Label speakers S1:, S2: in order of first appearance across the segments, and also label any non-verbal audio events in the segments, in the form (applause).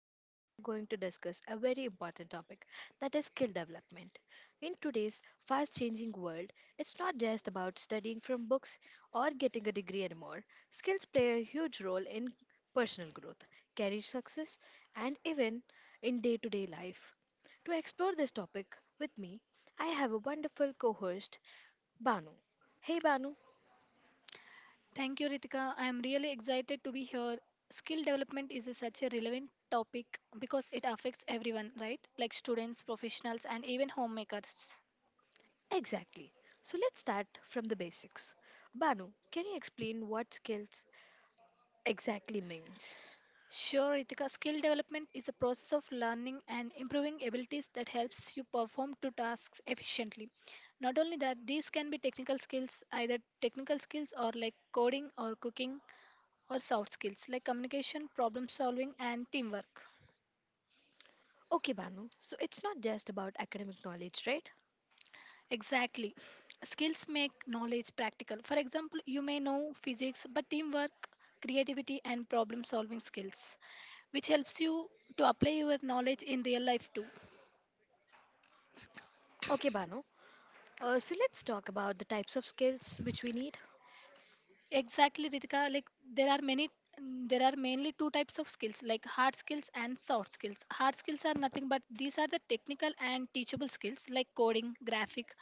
S1: and today we are going to discuss a very important topic that is skill development. In today's fast changing world, it's not just about studying from books or getting a degree anymore. Skills play a huge role in personal growth, career success, and even in day to day life. To explore this topic with me, I have a wonderful co host, Banu. Hey Banu.
S2: Thank you, Ritika. I am really excited to be here. Skill development is a- such a relevant topic because it affects everyone, right? Like students, professionals, and even homemakers.
S1: Exactly. So let's start from the basics. Banu, can you explain what skills exactly means?
S2: Sure, Ritika, skill development is a process of learning and improving abilities that helps you perform two tasks efficiently. Not only that, these can be technical skills or like coding or cooking, or soft skills like communication, problem solving, and teamwork.
S1: Okay, Banu. So it's not just about academic knowledge, right?
S2: Exactly. Skills make knowledge practical. For example, you may know physics, but teamwork, creativity, and problem solving skills, which helps you to apply your knowledge in real life too.
S1: Okay, Banu. So let's talk about the types of skills which we need.
S2: Exactly, Ritika. Like there are many, there are mainly two types of skills, like hard skills and soft skills. Hard skills are nothing but these are the technical and teachable skills like coding, graphic,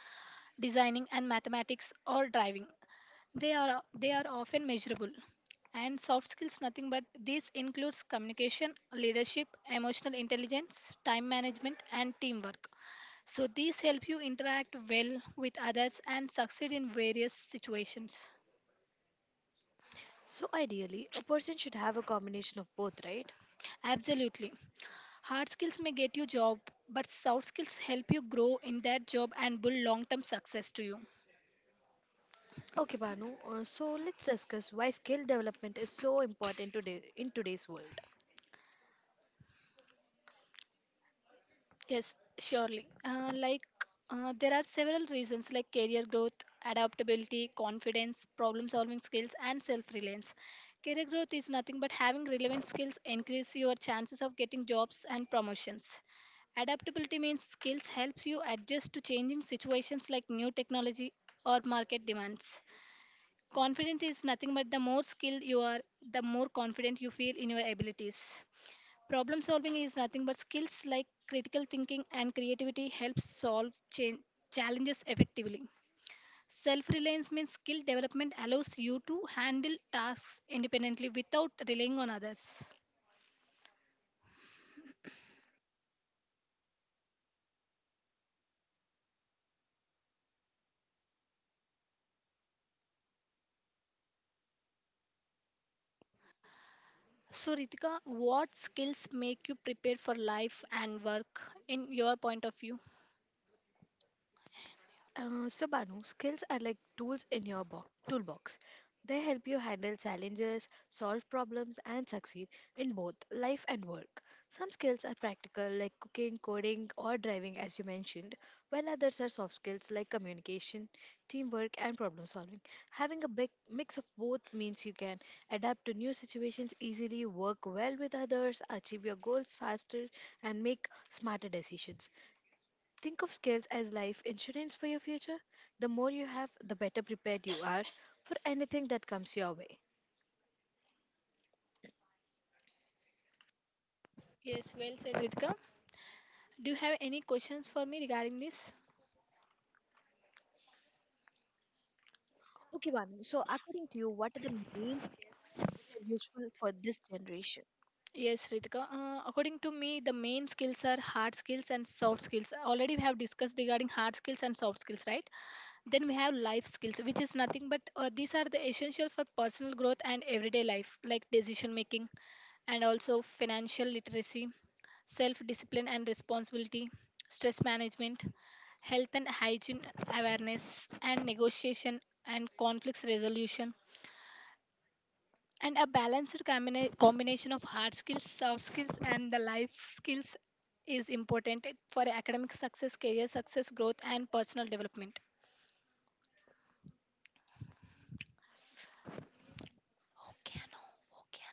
S2: designing and mathematics or driving. They are often measurable. And soft skills nothing but this includes communication, leadership, emotional intelligence, time management, and teamwork. So these help you interact well with others and succeed in various situations.
S1: So ideally, a person should have a combination of both, right?
S2: Absolutely. Hard skills may get you job, but soft skills help you grow in that job and build long term success to you.
S1: Okay, Banu. So let's discuss why skill development is so important today in today's world.
S2: Yes, surely. Like there are several reasons like career growth, adaptability, confidence, problem solving skills, and self reliance. Career growth is nothing but having relevant skills increase your chances of getting jobs and promotions. Adaptability means skills helps you adjust to changing situations like new technology or market demands. Confidence is nothing but the more skilled you are, the more confident you feel in your abilities. Problem solving is nothing but skills like critical thinking and creativity helps solve cha- challenges effectively. Self reliance means skill development allows you to handle tasks independently without relying on others. So, Ritika, what skills make you prepared for life and work in your point of view?
S1: So, Banu, skills are like tools in your toolbox. They help you handle challenges, solve problems, and succeed in both life and work. Some skills are practical, like cooking, coding, or driving, as you mentioned, while others are soft skills like communication, teamwork, and problem solving. Having a big mix of both means you can adapt to new situations easily, work well with others, achieve your goals faster, and make smarter decisions. Think of skills as life insurance for your future. The more you have, the better prepared you are for anything that comes your way.
S2: Yes, well said, Ritika. Do you have any questions for me regarding this?
S1: Okay, Banu. So, according to you, what are the main skills useful for this generation?
S2: Yes, Ritika. According to me, the main skills are hard skills and soft skills. Already we have discussed regarding hard skills and soft skills, right? Then we have life skills, which is nothing but these are the essential for personal growth and everyday life, like decision making and also financial literacy, self discipline and responsibility, stress management, health and hygiene awareness, and negotiation and conflicts resolution. And a balanced combination of hard skills, soft skills, and the life skills is important for academic success, career success, growth, and personal development. Okay, no. Okay,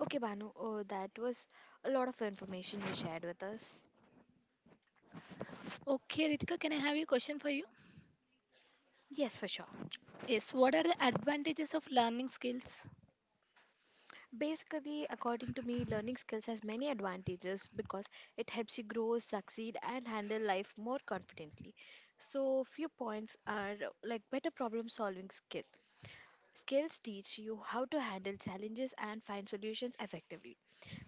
S1: Okay, Banu, oh, that was a lot of information you shared with us.
S2: no. Okay, Ritika, can I have a question for you?
S1: Yes, for sure.
S2: Yes, what are the advantages of learning skills?
S1: Basically, according to me, learning skills has many advantages because it helps you grow, succeed, and handle life more confidently. So, few points are like better problem solving skills. Skills teach you how to handle challenges and find solutions effectively.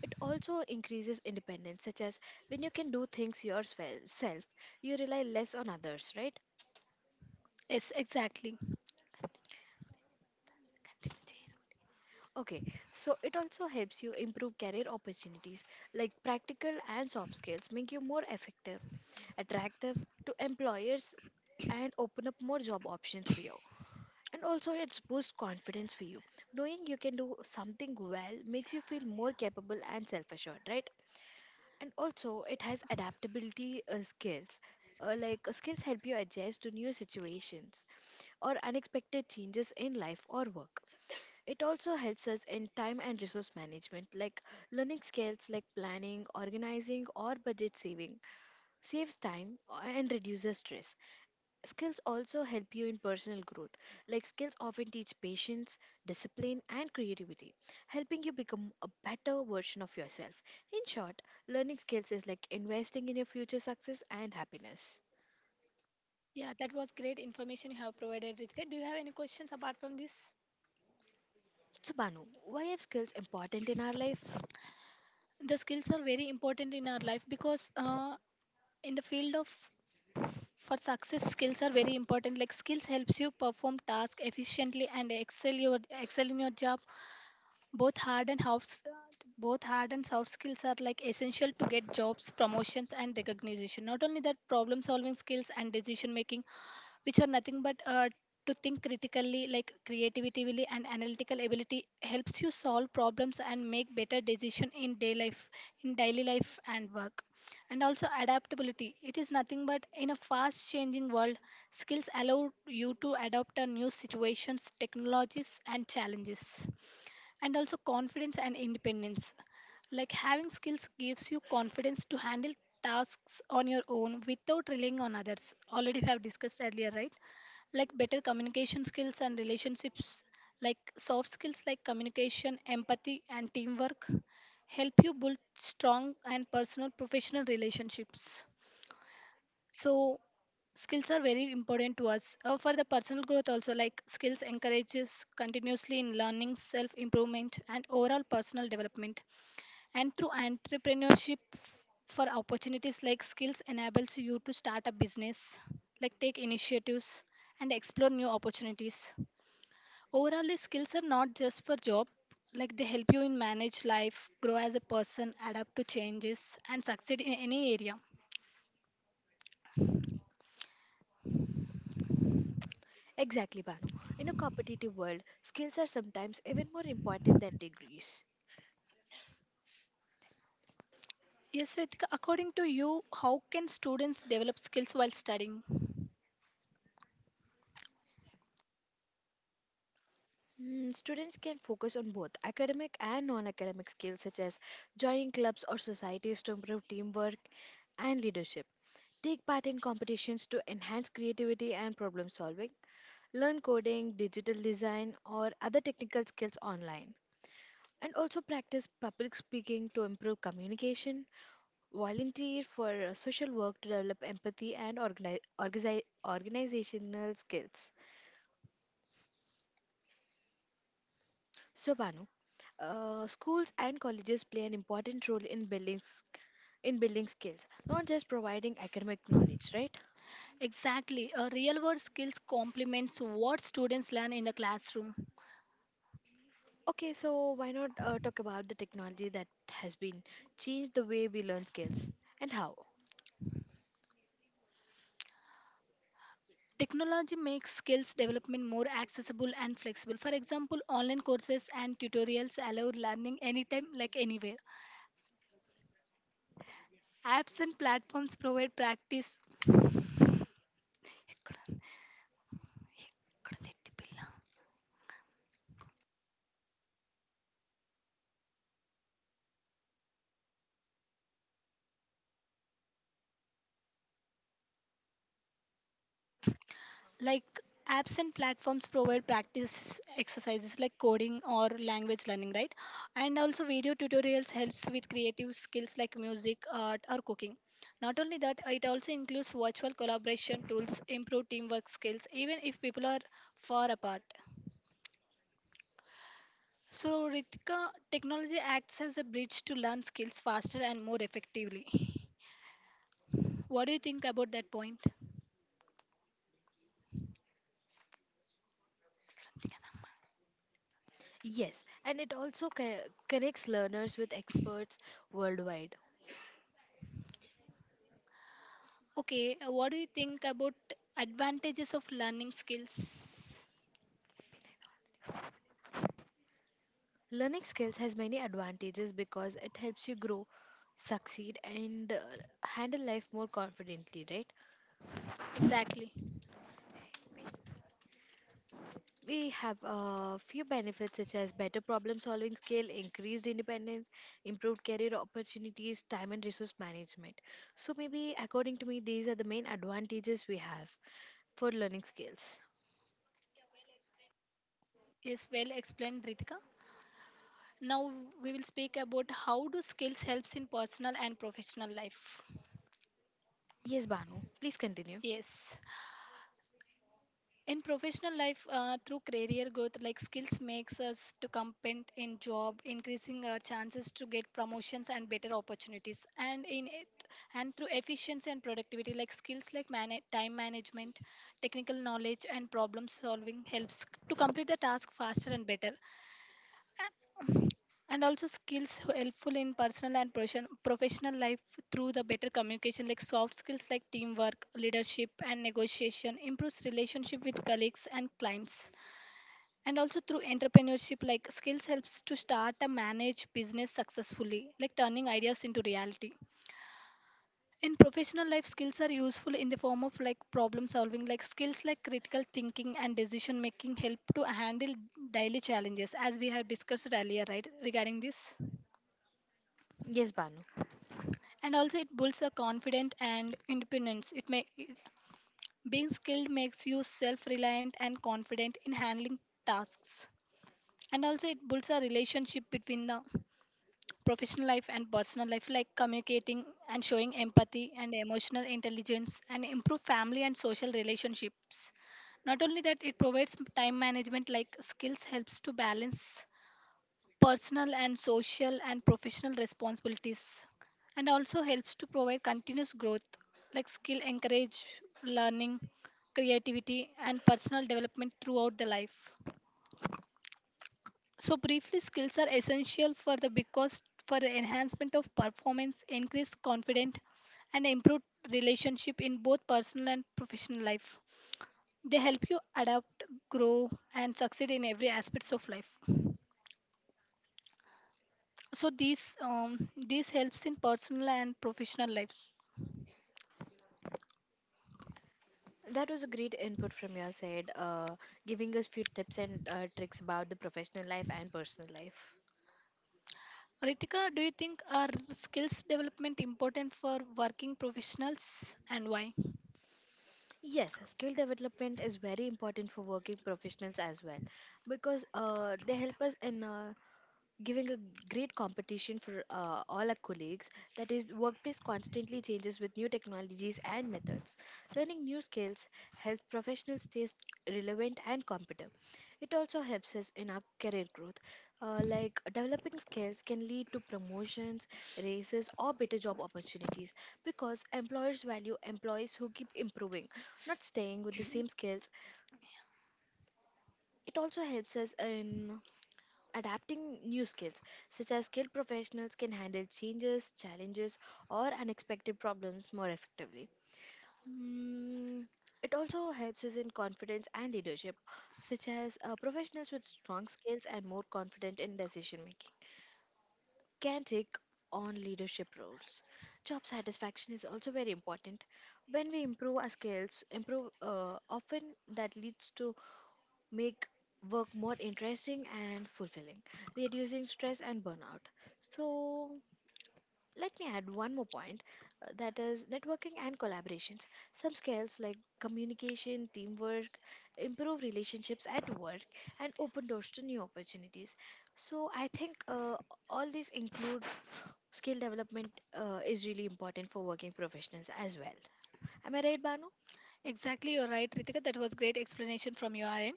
S1: It also increases independence, such as when you can do things yourself, you rely less on others, right?
S2: Yes, exactly.
S1: Okay, so it also helps you improve career opportunities, like practical and soft skills make you more effective, attractive to employers, and open up more job options for you. And also, it's boosts confidence for you. Knowing you can do something well makes you feel more capable and self assured, right? And also it has adaptability skills, like skills help you adjust to new situations or unexpected changes in life or work. It also helps us in time and resource management, like learning skills like planning organizing or budget saving saves time, and reduces stress. Skills also help you in personal growth. Like skills often teach patience, discipline, and creativity, helping you become a better version of yourself. In short, learning skills is like investing in your future success and happiness.
S2: Yeah, that was great information you have provided, Ritika. Do you have any questions apart from this?
S1: So, Banu, why are skills important in our life?
S2: The skills are very important in our life because in the field of for success skills are very important, like skills helps you perform tasks efficiently and excel in your job. both hard and soft Both hard and soft skills are like essential to get jobs, promotions, and recognition. Not only that, problem solving skills and decision making, which are nothing but to think critically like creativity really and analytical ability helps you solve problems and make better decision in daily life and work. And also adaptability, it is nothing but in a fast changing world, skills allow you to adapt to new situations, technologies, and challenges. And also confidence and independence, like having skills gives you confidence to handle tasks on your own without relying on others, already we have discussed earlier, right? Like better communication skills and relationships, like soft skills like communication, empathy, and teamwork help you build strong and personal professional relationships. So skills are very important to us. For the personal growth also, like skills encourages continuously in learning, self improvement, and overall personal development. And through entrepreneurship for opportunities, like skills enables you to start a business, like take initiatives and explore new opportunities. Overall, these skills are not just for job, like they help you in manage life, grow as a person, adapt to changes and succeed in any area.
S1: Exactly, Banu. In a competitive world, skills are sometimes even more important than degrees.
S2: Yes, Ritika, according to you, how can students develop skills while studying?
S1: Mm, students can focus on both academic and non academic skills, such as joining clubs or societies to improve teamwork and leadership. Take part in competitions to enhance creativity and problem solving. Learn coding, digital design, or other technical skills online. And also practice public speaking to improve communication. Volunteer for social work to develop empathy and organizational skills. So, Banu, schools and colleges play an important role in in building skills, not just providing academic knowledge, right?
S2: Exactly, a real world skills complements what students learn in the classroom.
S1: Okay, so why not talk about the technology that has been changed the way we learn skills and how?
S2: Technology makes skills development more accessible and flexible. For example, online courses and tutorials allow learning anytime, like anywhere. Apps and platforms provide practice. like Apps and platforms provide practice exercises like coding or language learning, right? And also video tutorials helps with creative skills like music, art, or cooking. Not only that, it also includes virtual collaboration tools improve teamwork skills even if people are far apart. So, Ritika, technology acts as a bridge to learn skills faster and more effectively. What do you think about that point?
S1: Yes, and it also connects learners with experts worldwide.
S2: Okay, what do you think about advantages of learning skills?
S1: Learning skills has many advantages because it helps you grow, succeed, and handle life more confidently, right?
S2: Exactly.
S1: We have a few benefits such as better problem solving skill, increased independence, improved career opportunities, time and resource management. So, maybe according to me, these are the main advantages we have for learning skills.
S2: Yes, well explained, Ritika. Now we will speak about how do skills helps in personal and professional life.
S1: Yes, Banu, please continue.
S2: Yes, in professional life, through career growth, like skills makes us to compete in job, increasing our chances to get promotions and better opportunities. And in it, and through efficiency and productivity, like skills like mana time management, technical knowledge, and problem solving helps to complete the task faster and better. And also skills helpful in personal and professional life through the better communication, like soft skills like teamwork, leadership, and negotiation improves relationship with colleagues and clients. And also through entrepreneurship, like skills helps to start and manage business successfully, like turning ideas into reality. In professional life skills are useful in the form of like problem solving, like skills like critical thinking and decision making help to handle daily challenges, as we have discussed earlier, right, regarding this.
S1: Yes, Banu.
S2: And also it builds a confidence and independence, being skilled makes you self-reliant and confident in handling tasks. And also it builds a relationship between the professional life and personal life, like communicating and showing empathy and emotional intelligence and improve family and social relationships. Not only that, it provides time management, like skills helps to balance personal and social and professional responsibilities. And also helps to provide continuous growth, like skill encourage learning, creativity, and personal development throughout the life. So briefly skills are essential for the because for the enhancement of performance, increase confidence, and improve relationship in both personal and professional life. They help you adapt, grow, and succeed in every aspects of life. So these helps in personal and professional life.
S1: That was a great input from your side, giving us few tips and tricks about the professional life and personal life.
S2: Ritika, do you think are skills development important for working professionals and why?
S1: Yes, skill development is very important for working professionals as well because they help us in giving a great competition for all our colleagues. That is the workplace constantly changes with new technologies and methods. Learning new skills helps professionals relevant and competent. It also helps us in our career growth, like developing skills can lead to promotions, raises or better job opportunities, because employers value employees who keep improving, not staying with the same skills. It also helps us in adapting new skills, such as skilled professionals can handle changes, challenges, or unexpected problems more effectively. Mm, it also helps us in confidence and leadership, such as professionals with strong skills and more confident in decision making can take on leadership roles. Job satisfaction is also very important. When we improve our skills, improve often that leads to make work more interesting and fulfilling, reducing stress and burnout. So, let me add one more point, that is networking and collaborations. Some skills like communication, teamwork, improve relationships at work, and open doors to new opportunities. So, I think all these include skill development is really important for working professionals as well. Am I right, Banu?
S2: Exactly, you're right, Ritika. That was great explanation from your end.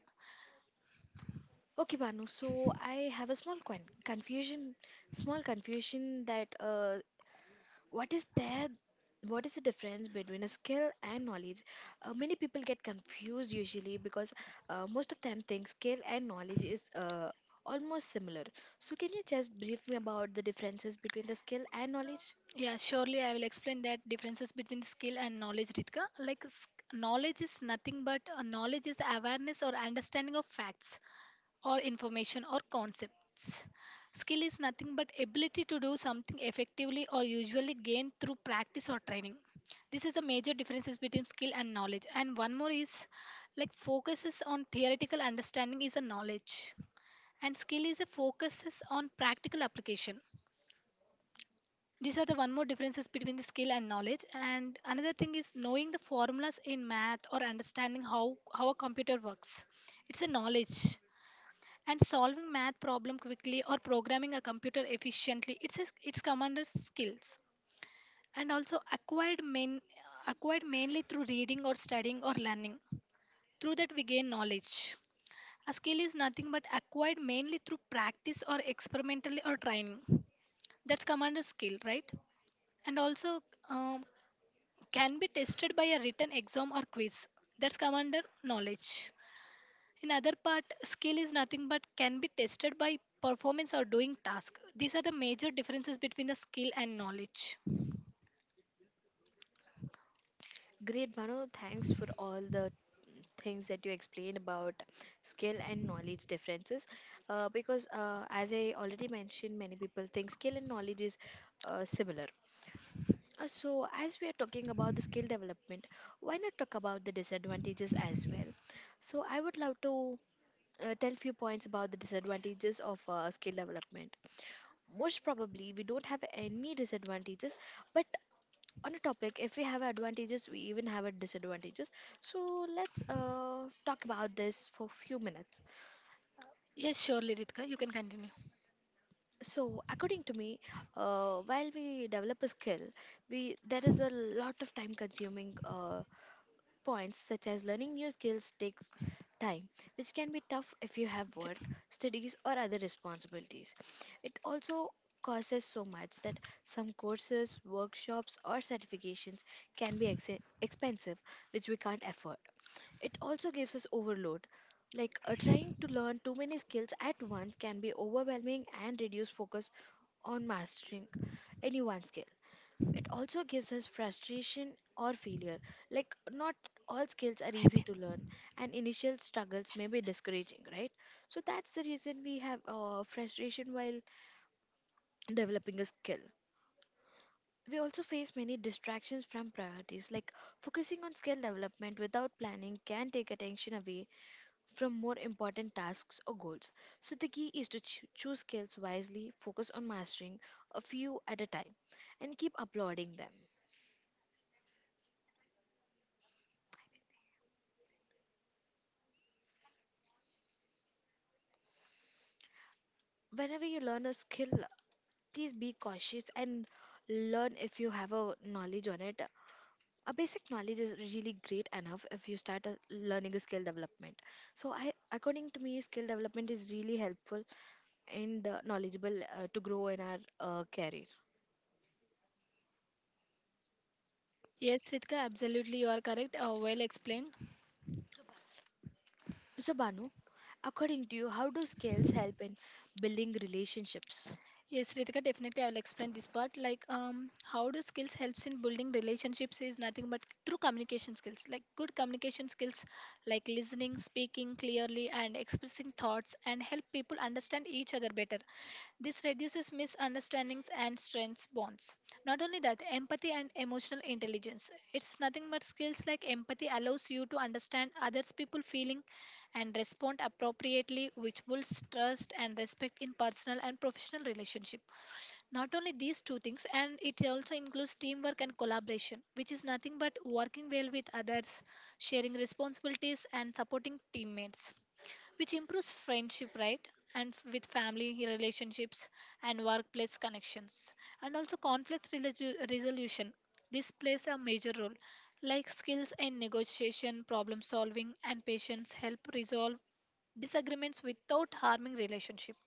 S1: Okay, Banu. So I have a small con confusion, small confusion that what is there, what is the difference between a skill and knowledge? Many people get confused usually because most of them think skill and knowledge is almost similar. So can you just brief me about the differences between the skill and knowledge?
S2: Yeah, surely I will explain that differences between skill and knowledge, Ritika. Like knowledge is nothing but knowledge is awareness or understanding of facts, or information or concepts. Skill is nothing but ability to do something effectively or usually gained through practice or training. This is a major differences between skill and knowledge. And one more is like focuses on theoretical understanding is a knowledge and skill is a focuses on practical application. These are the one more differences between the skill and knowledge. And another thing is knowing the formulas in math or understanding how a computer works. It's a knowledge. And solving math problem quickly or programming a computer efficiently, it's commander skills. And also acquired mainly through reading or studying or learning, through that we gain knowledge. A skill is nothing but acquired mainly through practice or experimentally or training, that's commander skill, right? And also um, can be tested by a written exam or quiz, that's commander knowledge. In other part, skill is nothing but can be tested by performance or doing task. These are the major differences between the skill and knowledge.
S1: Great, Banu. Thanks for all the things that you explained about skill and knowledge differences, because as I already mentioned, many people think skill and knowledge is similar. So as we are talking about the skill development, why not talk about the disadvantages as well? So I would love to tell few points about the disadvantages of skill development. Most probably we don't have any disadvantages, but on a topic, if we have advantages, we even have a disadvantages. So let's talk about this for few minutes.
S2: Yes, surely, Ritka, you can continue.
S1: So according to me, while we develop a skill, we there is a lot of time consuming points, such as learning new skills takes time, which can be tough if you have work, studies or other responsibilities. It also causes so much that some courses, workshops or certifications can be expensive, which we can't afford. It also gives us overload. Like trying to learn too many skills at once can be overwhelming and reduce focus on mastering any one skill. It also gives us frustration or failure. Like not all skills are easy to learn, and initial struggles may be discouraging, right? So that's the reason we have frustration while developing a skill. We also face many distractions from priorities, like focusing on skill development without planning can take attention away from more important tasks or goals. So, the key is to choose skills wisely, focus on mastering a few at a time, and keep uploading them. Whenever you learn a skill, please be cautious and learn if you have a knowledge on it. A basic knowledge is really great enough if you start learning a skill development. So, according to me, skill development is really helpful and knowledgeable to grow in our career.
S2: Yes, Ritka, absolutely, you are correct. Well explained.
S1: So, Banu, according to you, how do skills help in building relationships?
S2: Yes, Ritika, definitely I will explain this part. Like, how do skills helps in building relationships is nothing but through communication skills. Like good communication skills, like listening, speaking clearly, and expressing thoughts, and help people understand each other better. This reduces misunderstandings and strengths bonds. Not only that, empathy and emotional intelligence. It's nothing but skills like empathy allows you to understand others people feeling and respond appropriately, which builds trust and respect in personal and professional relationship. Not only these two things, and it also includes teamwork and collaboration, which is nothing but working well with others, sharing responsibilities, and supporting teammates, which improves friendship, right? And with family relationships and workplace connections, and also conflict resolution, this plays a major role. Like skills in negotiation, problem solving, and patience help resolve disagreements without harming relationship.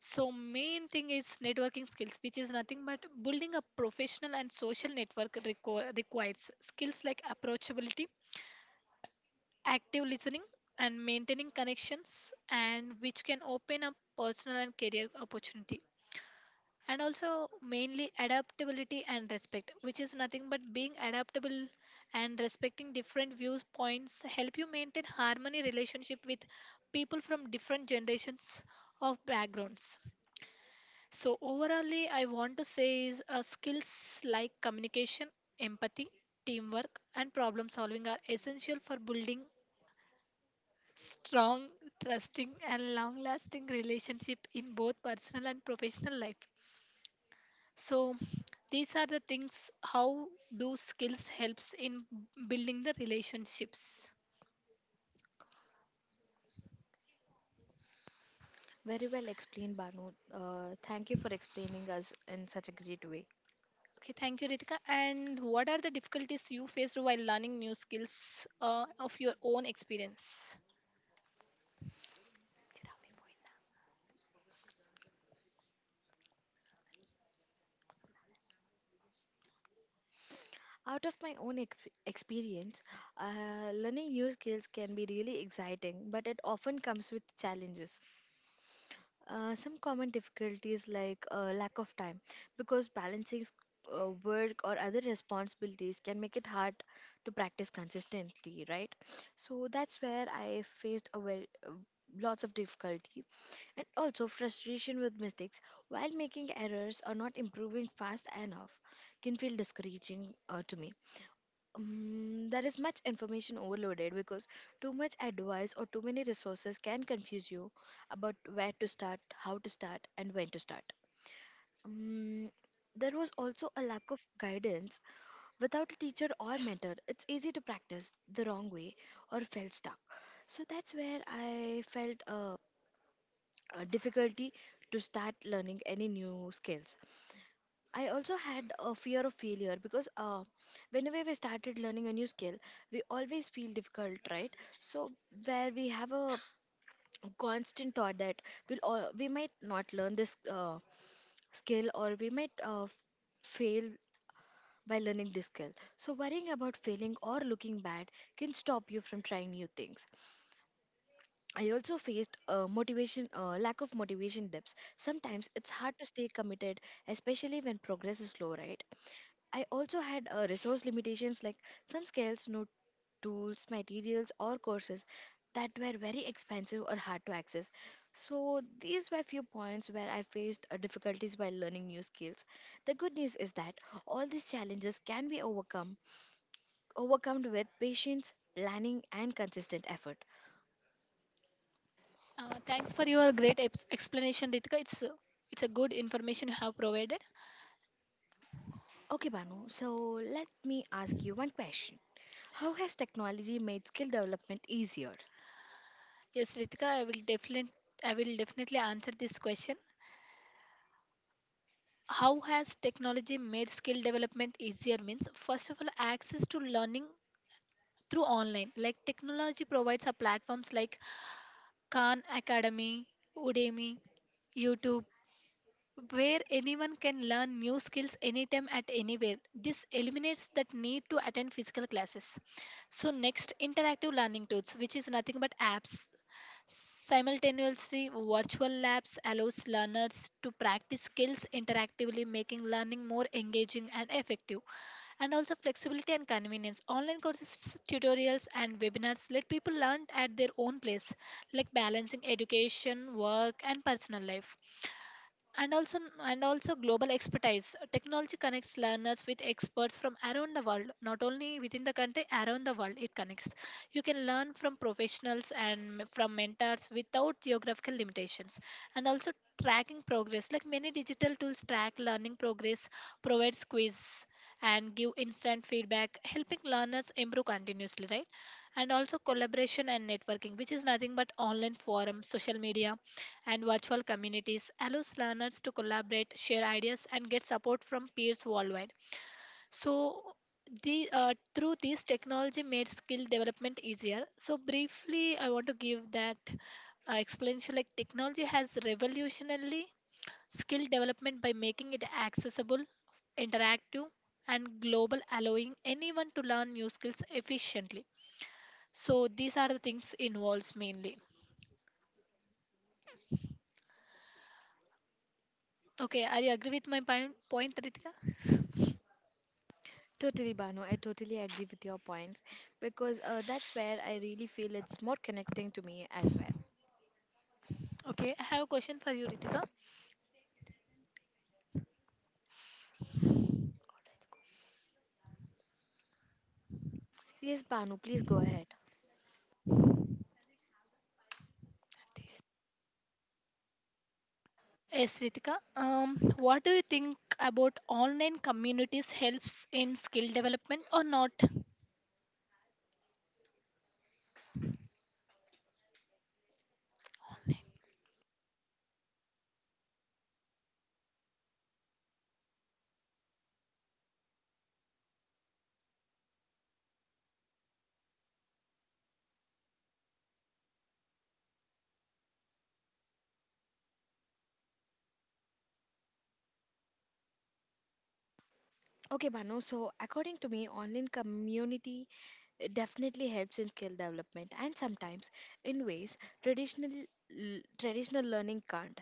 S2: So main thing is networking skills, which is nothing but building a professional and social network, requires skills like approachability, active listening, and maintaining connections, and which can open up personal and career opportunity. And also mainly adaptability and respect, which is nothing but being adaptable and respecting different viewpoints, help you maintain harmony relationship with people from different generations of backgrounds. So overallly I want to say is skills like communication, empathy, teamwork, and problem solving are essential for building strong, trusting, and long lasting relationship in both personal and professional life. So these are the things how do skills helps in building the relationships.
S1: Very well explained, Banu. Thank you for explaining us in such a great way.
S2: Okay, thank you, Ritika. And what are the difficulties you faced while learning new skills, of your own experience?
S1: Out of my own experience, learning new skills can be really exciting, but it often comes with challenges. Some common difficulties like lack of time, because balancing work or other responsibilities can make it hard to practice consistently, right? So that's where I faced a very lots of difficulty, and also frustration with mistakes while making errors or not improving fast enough can feel discouraging to me. There is much information overloaded because too much advice or too many resources can confuse you about where to start, how to start, and when to start. Um, there was also a lack of guidance. Without a teacher or mentor, it's easy to practice the wrong way or felt stuck. So that's where I felt a difficulty to start learning any new skills. I also had a fear of failure because whenever we started learning a new skill, we always feel difficult, right? So where we have a constant thought that we might not learn this skill, or we might fail by learning this skill. So worrying about failing or looking bad can stop you from trying new things. I also faced lack of motivation dips. Sometimes it's hard to stay committed, especially when progress is slow, right? I also had resource limitations, like some skills, no tools, materials, or courses that were very expensive or hard to access. So, these were few points where I faced difficulties while learning new skills. The good news is that all these challenges can be overcome with patience, planning, and consistent effort.
S2: Thanks for your great explanation, Ritika. It's a it's a good information you have provided.
S1: Okay, Banu, so let me ask you one question. How has technology made skill development easier?
S2: Yes, Ritika, I will definitely I will definitely answer this question. How has technology made skill development easier means first of all access to learning through online. Like technology provides a platforms like Khan Academy, Udemy, YouTube, where anyone can learn new skills anytime at anywhere. This eliminates that need to attend physical classes. So next, interactive learning tools, which is nothing but apps. Simultaneously, virtual labs allows learners to practice skills interactively, making learning more engaging and effective, and also flexibility and convenience. Online courses, tutorials, and webinars let people learn at their own pace, like balancing education, work, and personal life, and also and also global expertise, technology connects learners with experts from around the world. Not only within the country, around the world it connects. You can learn from professionals and from mentors without geographical limitations, and also tracking progress. Like many digital tools track learning progress, provides quiz, and give instant feedback, helping learners improve continuously, right? And also collaboration and networking, which is nothing but online forums, social media, and virtual communities allows learners to collaborate, share ideas, and get support from peers worldwide. So, the through this technology made skill development easier. So, briefly, I want to give that explanation, like technology has revolutionarily skill development by making it accessible, interactive, and global, allowing anyone to learn new skills efficiently. So, these are the things involves mainly. Okay, are you agree with my point, Ritika?
S1: Totally, Banu. I totally agree with your points because that's where I really feel it's more connecting to me as well.
S2: Okay, I have a question for you, Ritika.
S1: Yes, Banu, please go ahead.
S2: Yes, Ritika. What do you think about online communities helps in skill development or not?
S1: Okay, Banu, so according to me, online community definitely helps in skill development, and sometimes in ways traditional learning can't.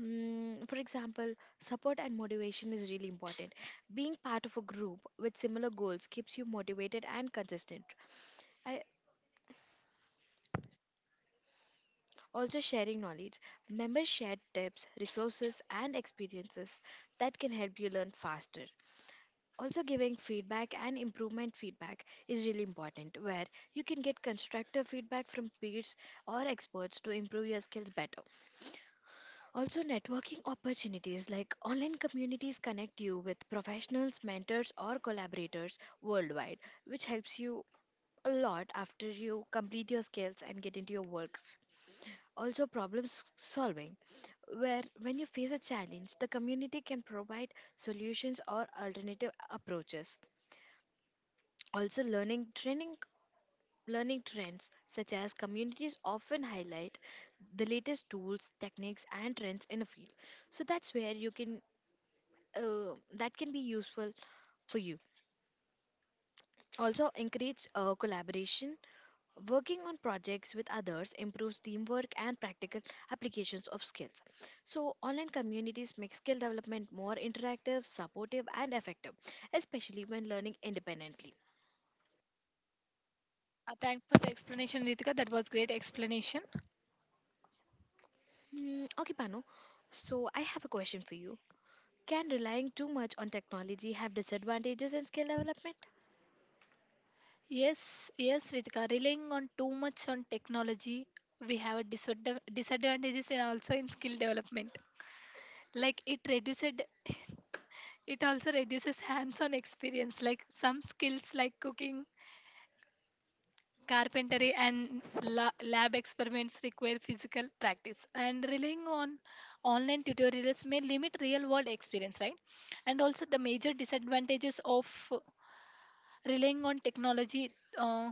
S1: Mm, for example, support and motivation is really important. Being part of a group with similar goals keeps you motivated and consistent. I also sharing knowledge. Members share tips, resources, and experiences that can help you learn faster. Also, giving feedback and improvement feedback is really important, where you can get constructive feedback from peers or experts to improve your skills better. Also, networking opportunities like online communities connect you with professionals, mentors, or collaborators worldwide, which helps you a lot after you complete your skills and get into your works. Also, solving, where when you face a challenge, the community can provide solutions or alternative approaches. Also, learning training, learning trends, such as communities often highlight the latest tools, techniques, and trends in a field. So that's where you can that can be useful for you. Also, encourage collaboration. Working on projects with others improves teamwork and practical applications of skills. So, online communities make skill development more interactive, supportive, and effective, especially when learning independently.
S2: Thanks for the explanation, Ritika. That was great explanation.
S1: Hmm, okay, Pano. So, I have a question for you. Can relying too much on technology have disadvantages in skill development?
S2: Yes, yes, Ritika, relying on too much on technology, we have a disadvantages and also in skill development. Like it reduced (laughs) it also reduces hands-on experience. Like some skills like cooking, carpentry, and lab experiments require physical practice, and relying on online tutorials may limit real world experience, right? And also, the major disadvantages of relying on technology. Uh,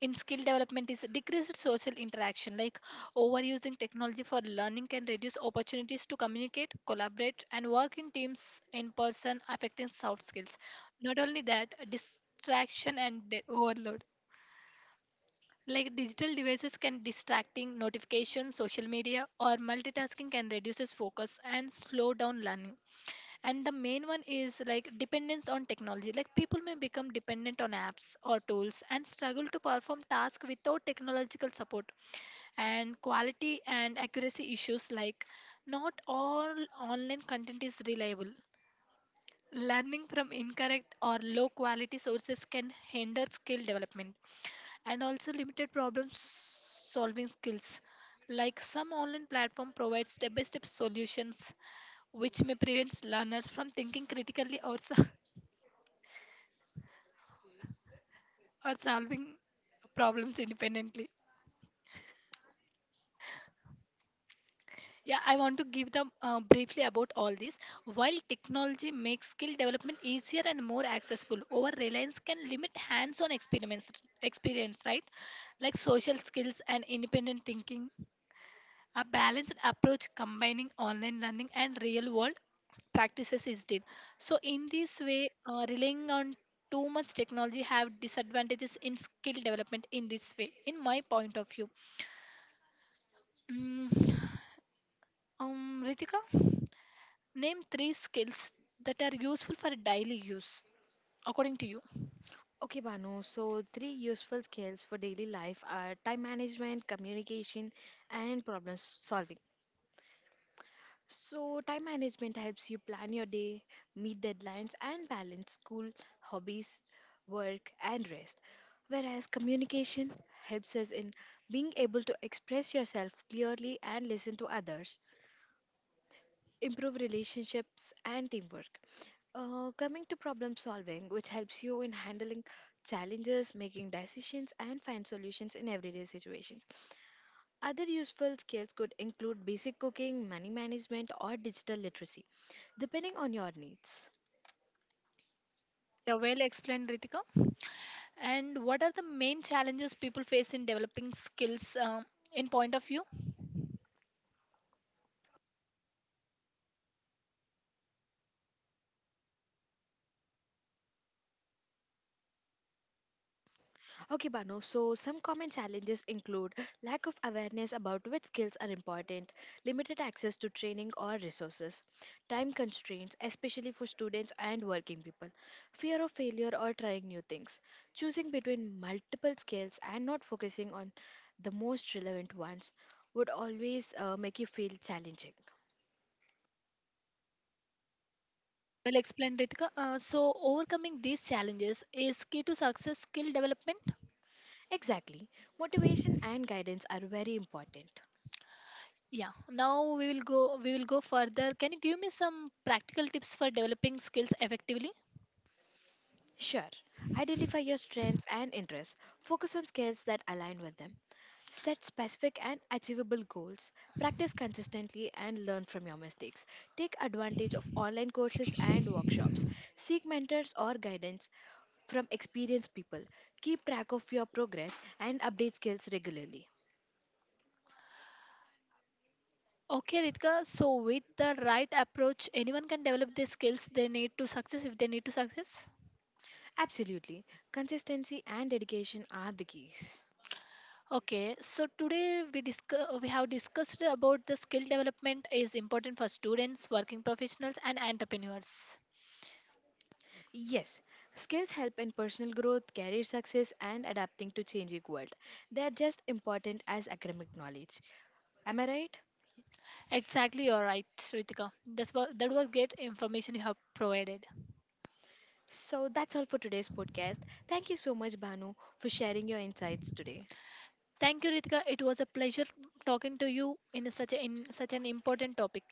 S2: in skill development is decreased social interaction, like overusing technology for learning can reduce opportunities to communicate, collaborate, and work in teams in person, affecting soft skills. Not only that, distraction and overload, like digital devices can distracting notifications, social media, or multitasking can reduces focus and slow down learning. And the main one is like dependence on technology. Like people may become dependent on apps or tools and struggle to perform tasks without technological support. And quality and accuracy issues, like not all online content is reliable. Learning from incorrect or low quality sources can hinder skill development, and also limited problem solving skills. Like some online platform provides step-by-step solutions, which may prevent learners from thinking critically, (laughs) or solving problems independently. Yeah, I want to give them briefly about all this. While technology makes skill development easier and more accessible, over reliance can limit hands on experience, right? Like social skills and independent thinking. A balanced approach combining online learning and real world practices is deep. So, in this way, relying on too much technology have disadvantages in skill development in this way, in my point of view. Mm, Ritika? Name three skills that are useful for daily use, according to you.
S1: Okay, Banu. So, three useful skills for daily life are time management, communication, and problem solving. So, time management helps you plan your day, meet deadlines, and balance school, hobbies, work, and rest. Whereas communication helps us in being able to express yourself clearly and listen to others, improve relationships, and teamwork. Coming to problem solving, which helps you in handling challenges, making decisions, and find solutions in everyday situations. Other useful skills could include basic cooking, money management, or digital literacy, depending on your needs.
S2: Yeah, well explained, Ritika. And what are the main challenges people face in developing skills, in point of view?
S1: Okay, Banu, so some common challenges include lack of awareness about which skills are important, limited access to training or resources, time constraints, especially for students and working people, fear of failure or trying new things, choosing between multiple skills and not focusing on the most relevant ones would always make you feel challenging.
S2: Well explained, Ritika. So, overcoming these challenges is key to success skill development.
S1: Exactly. Motivation and guidance are very important.
S2: Yeah. Now we will go. We will go further. Can you give me some practical tips for developing skills effectively?
S1: Sure. Identify your strengths and interests. Focus on skills that align with them. Set specific and achievable goals. Practice consistently and learn from your mistakes. Take advantage of online courses and workshops. Seek mentors or guidance from experienced people. Keep track of your progress and update skills regularly.
S2: Okay, Ritika. So, with the right approach, anyone can develop the skills they need to success if they need to success.
S1: Absolutely. Consistency and dedication are the keys.
S2: Okay, so today we have discussed about the skill development is important for students, working professionals, and entrepreneurs.
S1: Yes, skills help in personal growth, career success, and adapting to changing world. They are just important as academic knowledge. Am I right?
S2: Exactly, you're right, Ritika. That's what that was great information you have provided.
S1: So that's all for today's podcast. Thank you so much, Banu, for sharing your insights today.
S2: Thank you, Ritika. It was a pleasure talking to you in in such an important topic.